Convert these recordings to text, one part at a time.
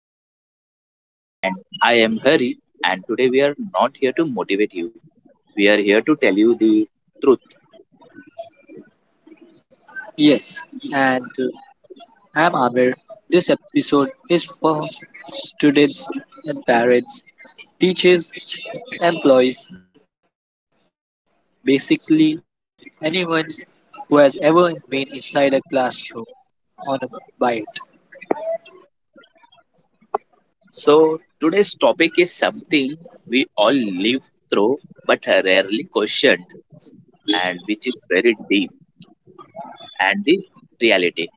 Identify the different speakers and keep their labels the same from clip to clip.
Speaker 1: conversation. And I am Hari, and today we are not here to motivate you, we are here to tell you the truth.
Speaker 2: Yes, and I'm Amir. This episode is for students and parents, teachers, employees, basically anyone who has ever been inside a classroom on a bite.
Speaker 1: So, today's topic is something we all live through but rarely questioned, and which is very deep and the reality.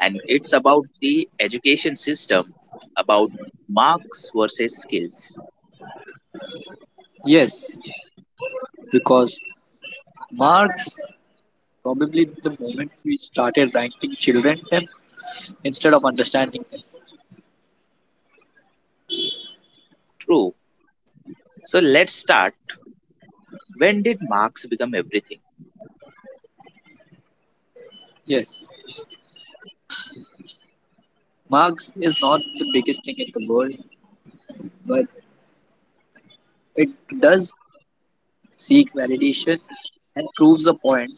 Speaker 1: And it's about the education system, about marks versus skills.
Speaker 2: Yes, because marks probably the moment we started ranking children them instead of understanding them.
Speaker 1: True. So, let's start. When did marks become everything?
Speaker 2: Yes, marks is not the biggest thing in the world, but it does seek validations and proves a point,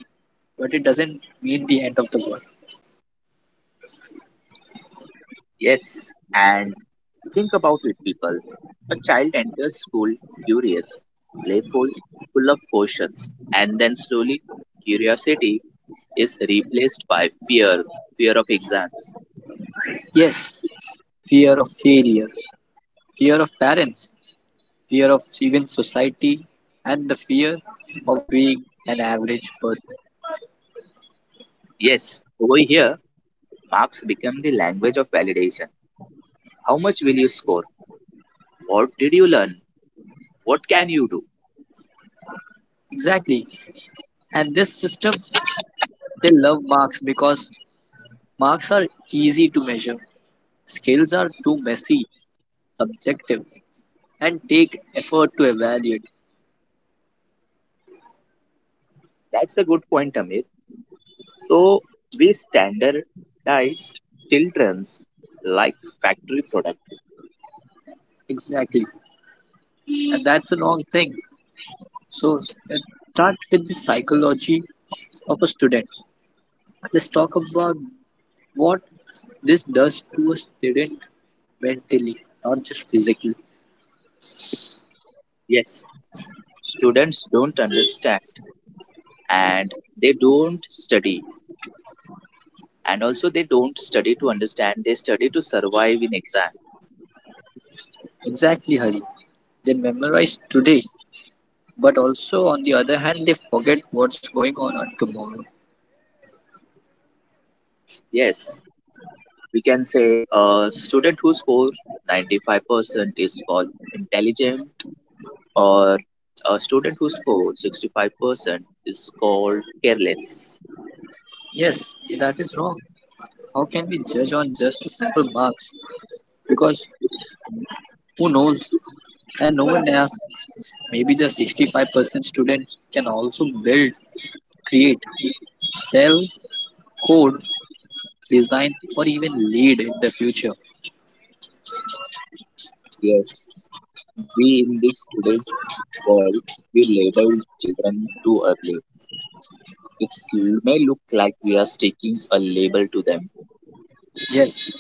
Speaker 2: but it doesn't mean the end of the world.
Speaker 1: Yes, and think about it, people. A child enters school curious, playful, full of questions, and then slowly curiosity is replaced by fear, fear of exams.
Speaker 2: Yes, fear of failure, fear of parents, fear of even society, and the fear of being an average person.
Speaker 1: Yes, over here, marks become the language of validation. How much will you score? What did you learn? What can you do?
Speaker 2: Exactly. And this system, they love marks because marks are easy to measure. Skills are too messy, subjective, and take effort to evaluate.
Speaker 1: That's a good point, Amir. So, we standardize children's like factory product.
Speaker 2: Exactly. And that's a wrong thing. So let's start with the psychology of a student. Let's talk about what this does to a student mentally, not just physically.
Speaker 1: Yes, students don't understand and they don't study they don't study to understand, they study to survive in exams.
Speaker 2: Exactly, Hari. They memorize today, but also on the other hand, they forget what's going on tomorrow.
Speaker 1: Yes, we can say a student who scores 95% is called intelligent, or a student who scores 65% is called careless.
Speaker 2: Yes, that is wrong. How can we judge on just a simple marks? Because who knows? And no one asks. Maybe the 65% students can also build, create, sell, code, design, or even lead in the future.
Speaker 1: Yes, we in this today's world, we label children too early. It may look like we are sticking a label to them.
Speaker 2: Yes,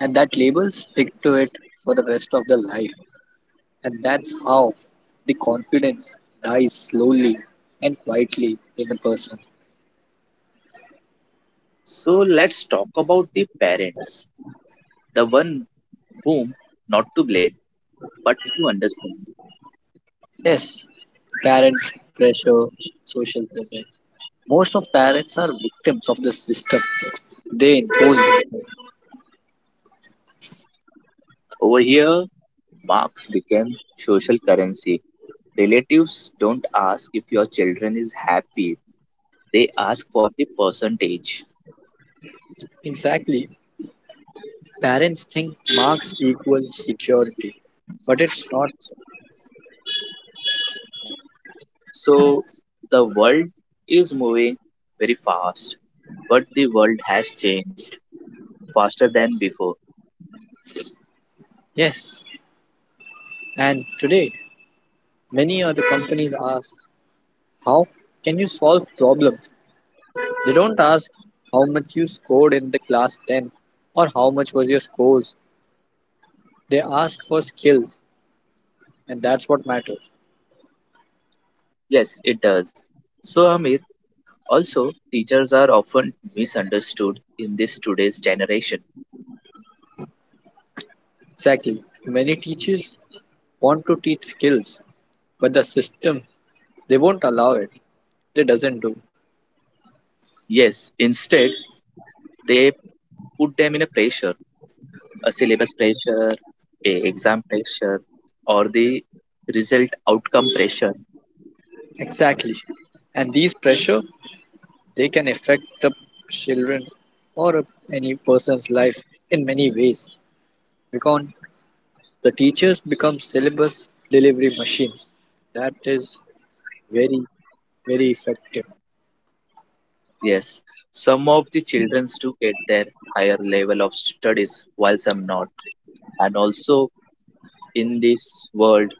Speaker 2: and that label stick to it for the rest of their life. And that's how the confidence dies slowly and quietly in a person.
Speaker 1: So let's talk about the parents, the one whom not to blame but to understand.
Speaker 2: Yes, parents, pressure, social pressure. Most of parents are victims of the system they impose on them.
Speaker 1: Over here, marks became social currency. Relatives don't ask if your children is happy, they ask for the percentage.
Speaker 2: Exactly, parents think marks equal security, but it's not.
Speaker 1: So the world is moving very fast, but the world has changed faster than before.
Speaker 2: Yes, and today many other companies ask, how can you solve problems? They don't ask how much you scored in the class 10 or how much was your scores. They ask for skills, and that's what matters.
Speaker 1: Yes, it does. So, Amit, also, teachers are often misunderstood in this today's generation.
Speaker 2: Exactly. Many teachers want to teach skills, but the system they won't allow it. They doesn't do.
Speaker 1: Yes, instead, they put them in a pressure, a syllabus pressure, a exam pressure, or the result outcome pressure.
Speaker 2: Exactly. And these pressure they can affect the children or any person's life in many ways because the teachers become syllabus delivery machines. That is very, very effective.
Speaker 1: Yes, some of the children do get their higher level of studies while some not. And also in this world,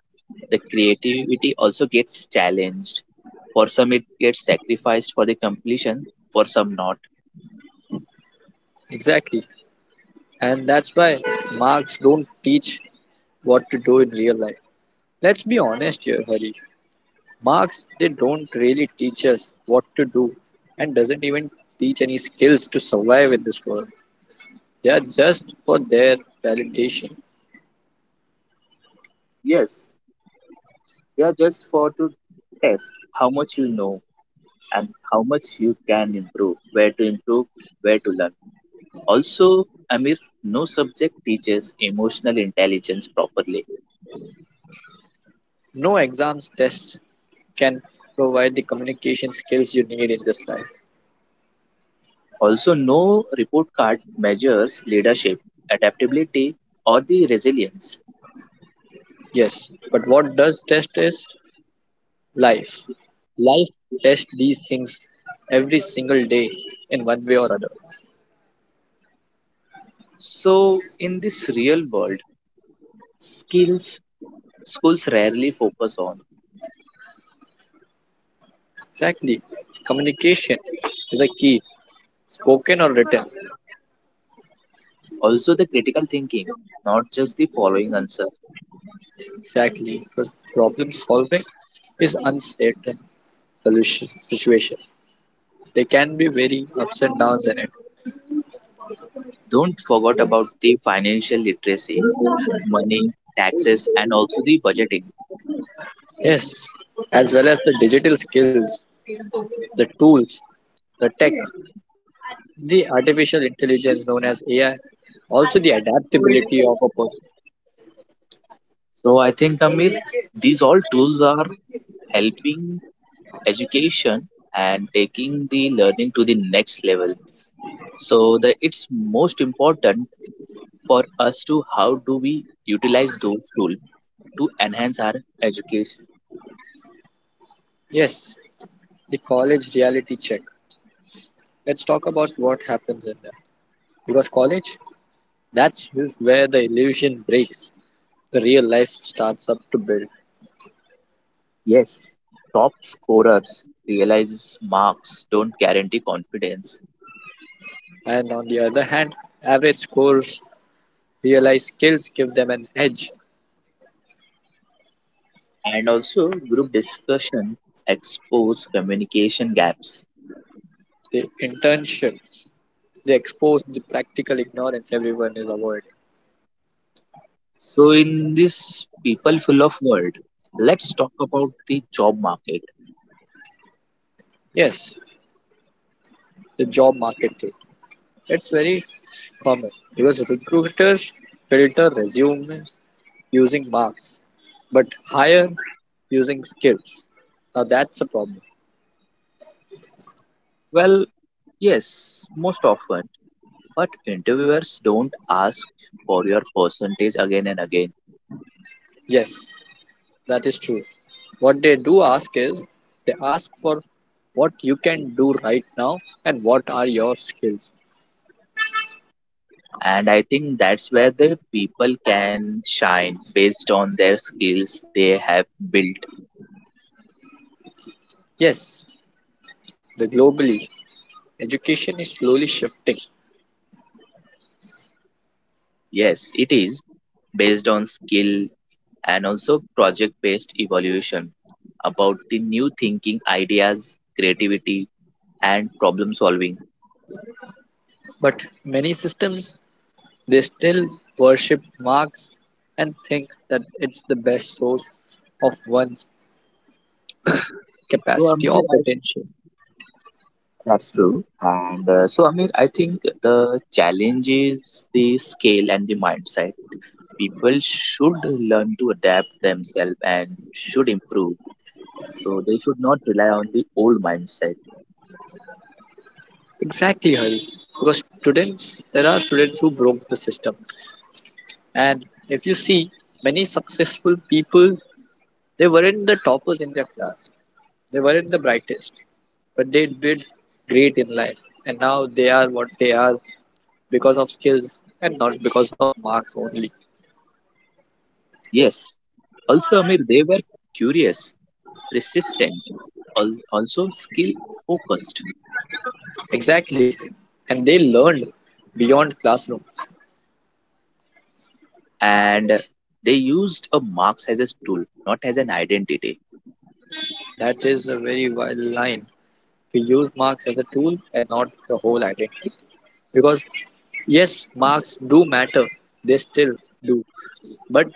Speaker 1: the creativity also gets challenged. For some, it gets sacrificed for the completion, for some not.
Speaker 2: Exactly. And that's why marks don't teach what to do in real life. Let's be honest here, Hari. Marks, they don't really teach us what to do and doesn't even teach any skills to survive in this world. They are just for their validation.
Speaker 1: Yes, they are just for to test how much you know and how much you can improve, where to learn. Also, Amir, no subject teaches emotional intelligence properly.
Speaker 2: No exams tests can provide the communication skills you need in this life.
Speaker 1: Also, no report card measures leadership, adaptability, or the resilience.
Speaker 2: Yes, but what does test is life. Life tests these things every single day in one way or other.
Speaker 1: So, in this real world, skills schools rarely focus on.
Speaker 2: Exactly. Communication is a key, spoken or written.
Speaker 1: Also, the critical thinking, not just the following answer.
Speaker 2: Exactly. Because problem solving is uncertain solution situation. They can be very ups and downs in it.
Speaker 1: Don't forget about the financial literacy, money, taxes, and also the budgeting.
Speaker 2: Yes. As well as the digital skills, the tools, the tech, the artificial intelligence known as AI, also the adaptability of a person.
Speaker 1: So I think, Amit, these all tools are helping education and taking the learning to the next level. So the it's most important for us to how do we utilize those tools to enhance our education.
Speaker 2: Yes, the college reality check. Let's talk about what happens in there. Because college, that's where the illusion breaks. The real life starts up to build.
Speaker 1: Yes, top scorers realizes marks don't guarantee confidence,
Speaker 2: And on the other hand, average scores realized skills give them an edge.
Speaker 1: and also group discussion expose communication gaps.
Speaker 2: The internships, they expose the practical ignorance everyone is avoiding.
Speaker 1: So in this people full of world, let's talk about the job market.
Speaker 2: Yes, the job market too. It's very common because recruiters filter resumes using marks but hire using skills. Now that's a problem.
Speaker 1: Well, yes, most often, but interviewers don't ask for your percentage again and again.
Speaker 2: Yes, that is true. What they do ask is they ask for what you can do right now and what are your skills.
Speaker 1: And I think that's where the people can shine based on their skills they have built.
Speaker 2: Yes, the globally education is slowly shifting,
Speaker 1: Yes, it is based on skill and also project based evaluation about the new thinking, ideas, creativity, and problem solving.
Speaker 2: but many systems they still worship Marx and think that it's the best source of one's
Speaker 1: So,
Speaker 2: capacity
Speaker 1: Amir,
Speaker 2: or potential.
Speaker 1: that's true. And so, Amir, I think the challenge is the scale and the mindset. People should learn to adapt themselves and should improve. So, they should not rely on the old mindset.
Speaker 2: Exactly, Hari. Because students, there are students who broke the system, and if you see many successful people, they weren't the toppers in their class. They weren't the brightest, but they did great in life, and now they are what they are because of skills and not because of marks only.
Speaker 1: Yes. Also, Amir, they were curious, persistent, also skill focused,
Speaker 2: Exactly, and they learned beyond classroom.
Speaker 1: and they used a marks as a tool, not as an identity.
Speaker 2: That is a very wild line. We use marks as a tool and not the whole identity. Because, yes, marks do matter, they still do. But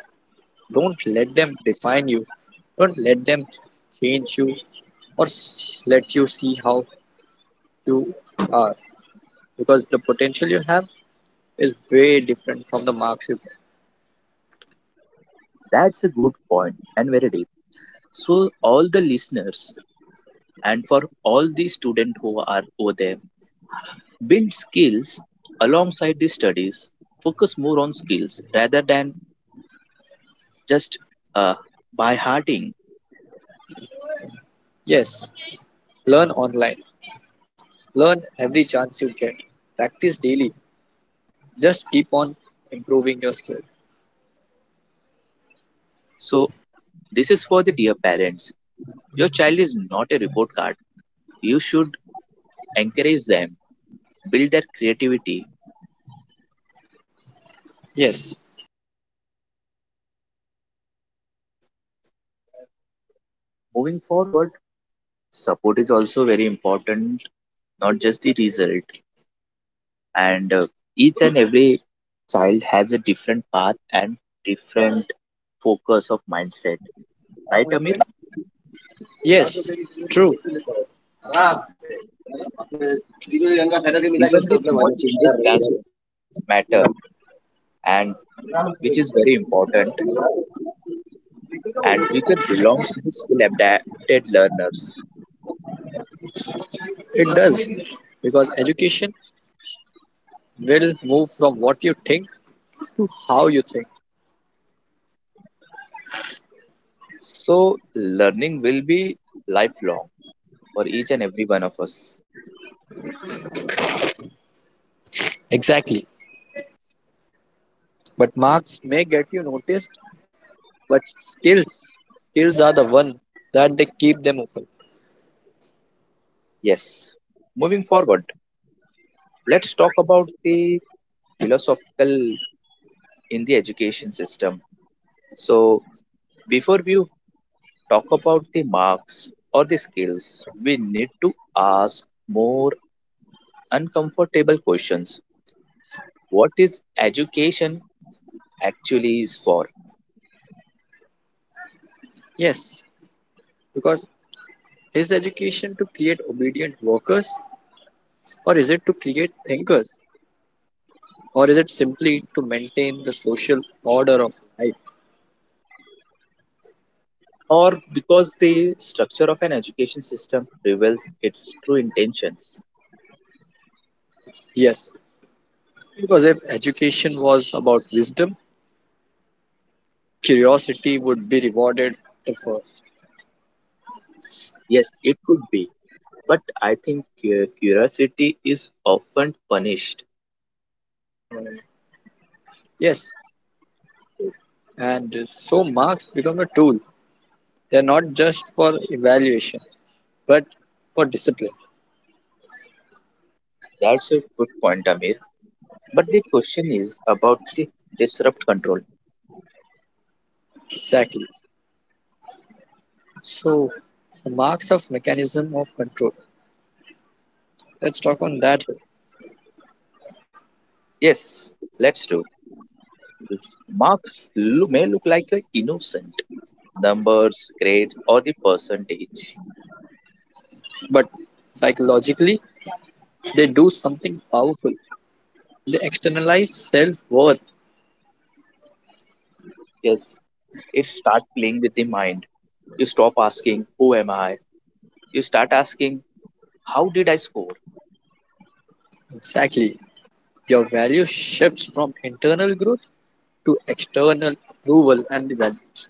Speaker 2: don't let them define you, don't let them change you, or let you see how you are. Because the potential you have is way different from the marks you get.
Speaker 1: That's a good point and very deep. So, all the listeners and for all the students who are over there, build skills alongside the studies, focus more on skills rather than just uh, by hearting.
Speaker 2: Yes, learn online, learn every chance you get, practice daily, just keep on improving your skill.
Speaker 1: So this is for the dear parents, your child is not a report card. You should encourage them, build their creativity, moving forward. Support is also very important, not just the result. And Each and every child has a different path and different focus of mindset. Right, Amir?
Speaker 2: Yes, true.
Speaker 1: Even the small changes can matter, and which is very important. And future belongs to the skill adapted learners.
Speaker 2: It does. Because education will move from what you think to how you think.
Speaker 1: So, learning will be lifelong for each and every one of us.
Speaker 2: Exactly. But marks, may get you noticed, but skills, skills are the one that they keep them open.
Speaker 1: Yes. Moving forward, let's talk about the philosophical in the education system. So, before we talk about the marks or the skills, we need to ask more uncomfortable questions. What is education actually is for?
Speaker 2: Yes, because is education to create obedient workers or is it to create thinkers? Or is it simply to maintain the social order of life?
Speaker 1: Or because the structure of an education system reveals its true intentions.
Speaker 2: Yes, because if education was about wisdom, curiosity would be rewarded the first.
Speaker 1: Yes, it could be, but I think curiosity is often punished.
Speaker 2: Yes, no, no, no. Yes, and so marks become a tool. They're not just for evaluation, but for discipline.
Speaker 1: That's a good point, Amir, but the question is about the disrupt control.
Speaker 2: Exactly. So, the marks of mechanism of control. Let's talk on that.
Speaker 1: Yes, let's do. Marks may look like a innocent numbers grade or the percentage.
Speaker 2: But psychologically, they do something powerful. They externalize self worth.
Speaker 1: Yes, it start playing with the mind. You stop asking who am I, you start asking how did I score.
Speaker 2: Exactly. Your value shifts from internal growth to external approval and values.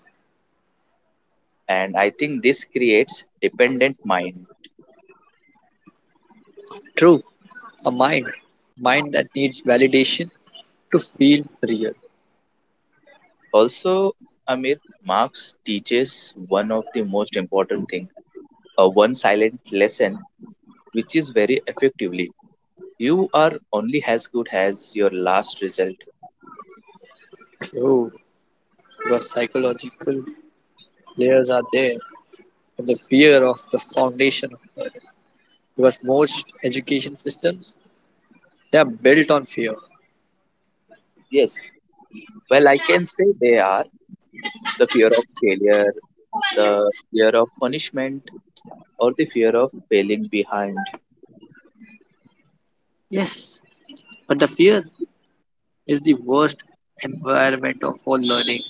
Speaker 1: And I think this creates dependent mind.
Speaker 2: True, a mind that needs validation to feel real.
Speaker 1: Also, Amir, marx teaches one of the most important thing, a one silent lesson, which is very effectively, you are only as good as your last result.
Speaker 2: True, because psychological layers are there, and the fear of the foundation of it. Because most education systems they are built on fear.
Speaker 1: Yes, well I can say they are the fear of failure, the fear of punishment, or the fear of failing behind.
Speaker 2: Yes, but the fear is the worst environment of all learning.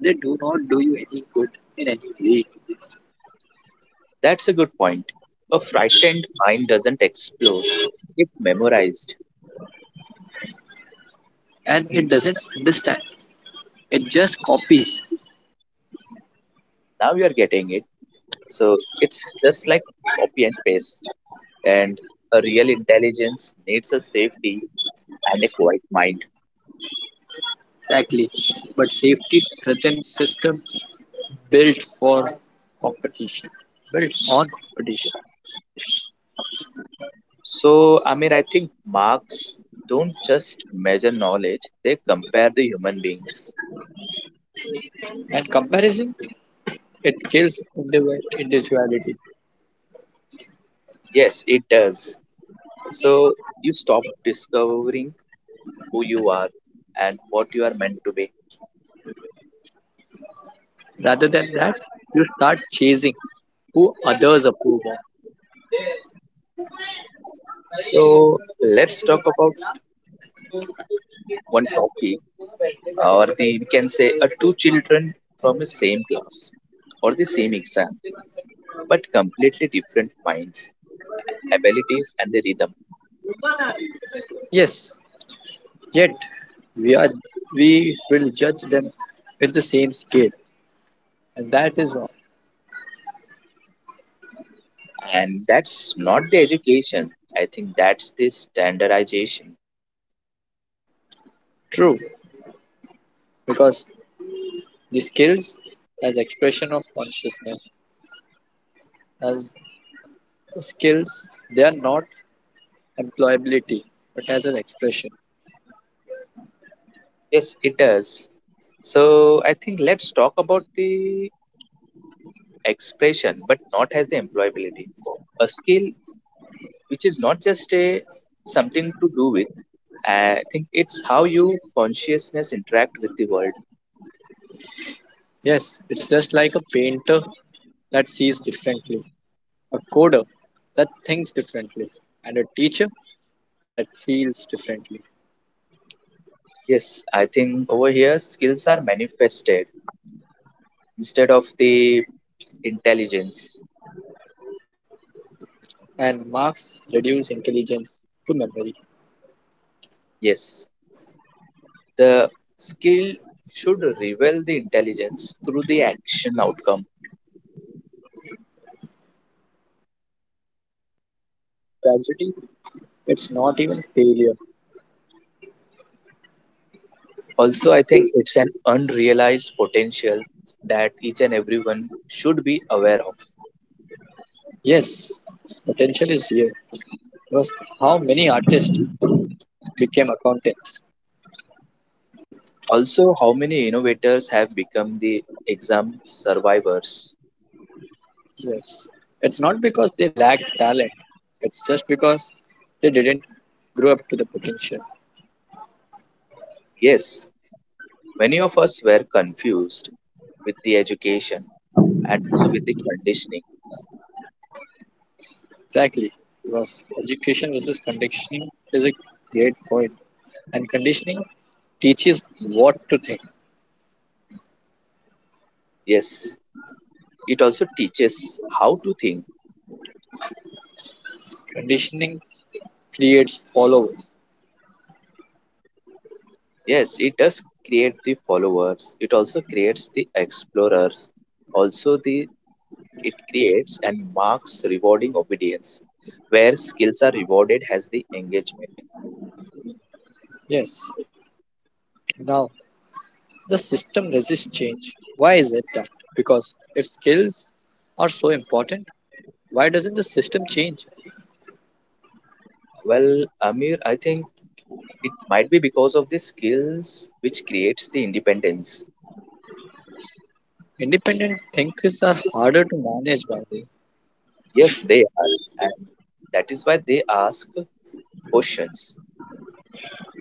Speaker 2: They do not do you any good in any way,
Speaker 1: That's a good point. A frightened mind doesn't explode, it memorized.
Speaker 2: and it doesn't understand. It just copies,
Speaker 1: Now you're getting it. So it's just like copy and paste. And a real intelligence needs a safety and a quiet mind.
Speaker 2: exactly. But safety threatened system built for competition, built on competition.
Speaker 1: So, I mean, I think marks don't just measure knowledge, they compare the human beings.
Speaker 2: And comparison, it kills individuality.
Speaker 1: Yes, it does. So, you stop discovering who you are and what you are meant to be.
Speaker 2: Rather than that, you start chasing who others approve of.
Speaker 1: So, let's talk about one topic, or the we can say a two children from the same class or the same exam, but completely different minds, abilities and the rhythm.
Speaker 2: Yes, yet we are we will judge them with the same scale, and that is wrong.
Speaker 1: And that's not the education, I think that's the standardization.
Speaker 2: True, because the skills as expression of consciousness, as skills they are not employability but as an expression.
Speaker 1: Yes, it does. So I think let's talk about the expression but not as the employability. A skill which is not just a something to do with, I think it's how you consciousness interact with the world.
Speaker 2: Yes, it's just like a painter that sees differently, a coder that thinks differently, and a teacher that feels differently.
Speaker 1: Yes, I think over here skills are manifested instead of the intelligence.
Speaker 2: And marks reduce intelligence to memory.
Speaker 1: Yes, the skill should reveal the intelligence through the action outcome.
Speaker 2: Tragedy, it's not even failure.
Speaker 1: Also, I think it's an unrealized potential that each and everyone should be aware of.
Speaker 2: Yes, potential is real, because how many artists became accountants.
Speaker 1: Also, how many innovators have become the exam survivors?
Speaker 2: Yes. It's not because they lacked talent. It's just because they didn't grow up to the potential.
Speaker 1: Yes, many of us were confused with the education and also with the conditioning.
Speaker 2: Exactly. Because education versus conditioning is a great point. And conditioning teaches what to think.
Speaker 1: Yes, it also teaches how to think.
Speaker 2: Conditioning creates followers.
Speaker 1: Yes it does, create the followers, it also creates the explorers. Also the it creates and marks rewarding obedience, where skills are rewarded as the engagement.
Speaker 2: Yes. Now, the system resists change. Why is it that? Because if skills are so important, why doesn't the system change?
Speaker 1: Well, Amir, I think it might be because of the skills which creates the independence.
Speaker 2: Independent thinkers are harder to manage by the way.
Speaker 1: Yes they are, and that is why they ask questions.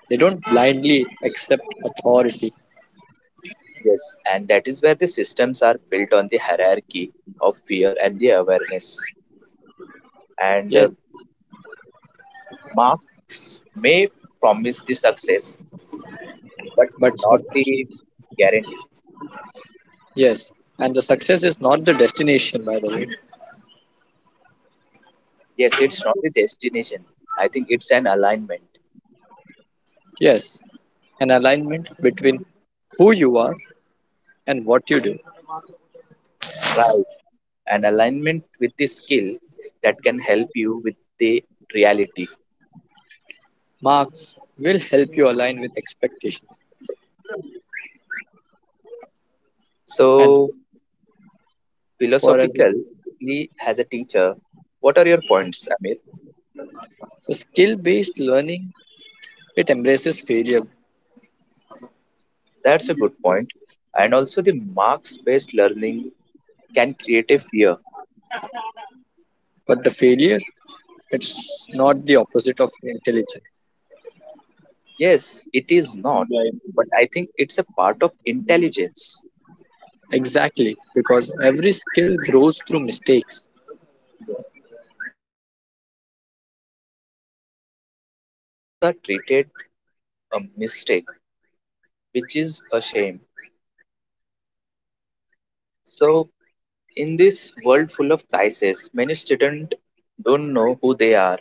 Speaker 2: They don't blindly accept authority.
Speaker 1: Yes, and that is where the systems are built on the hierarchy of fear and the awareness. And
Speaker 2: Yes,
Speaker 1: Marks may promise the success, but
Speaker 2: but
Speaker 1: not the guarantee.
Speaker 2: yes, and the success is not the destination, by the way.
Speaker 1: Yes, it's not the destination, I think it's an alignment.
Speaker 2: Yes, an alignment between who you are and what you do.
Speaker 1: Right, an alignment with the skill that can help you with the reality.
Speaker 2: Marks will help you align with expectations. And
Speaker 1: So
Speaker 2: for a
Speaker 1: philosophically, as a teacher, what are your points, Amir?
Speaker 2: for skill-based learning, it embraces failure,
Speaker 1: That's a good point. And also the marks based learning can create a fear.
Speaker 2: but the failure it's not the opposite of intelligence.
Speaker 1: Yes it is not, but I think it's a part of intelligence.
Speaker 2: Exactly, because every skill grows through mistakes,
Speaker 1: Yes, it does. And over here, marks are treated a mistake, which is a
Speaker 2: and
Speaker 1: shame.
Speaker 2: marks
Speaker 1: So, in this world
Speaker 2: Marx
Speaker 1: full of
Speaker 2: treats mistakes
Speaker 1: crises, many
Speaker 2: as
Speaker 1: students
Speaker 2: shame.
Speaker 1: don't know who they are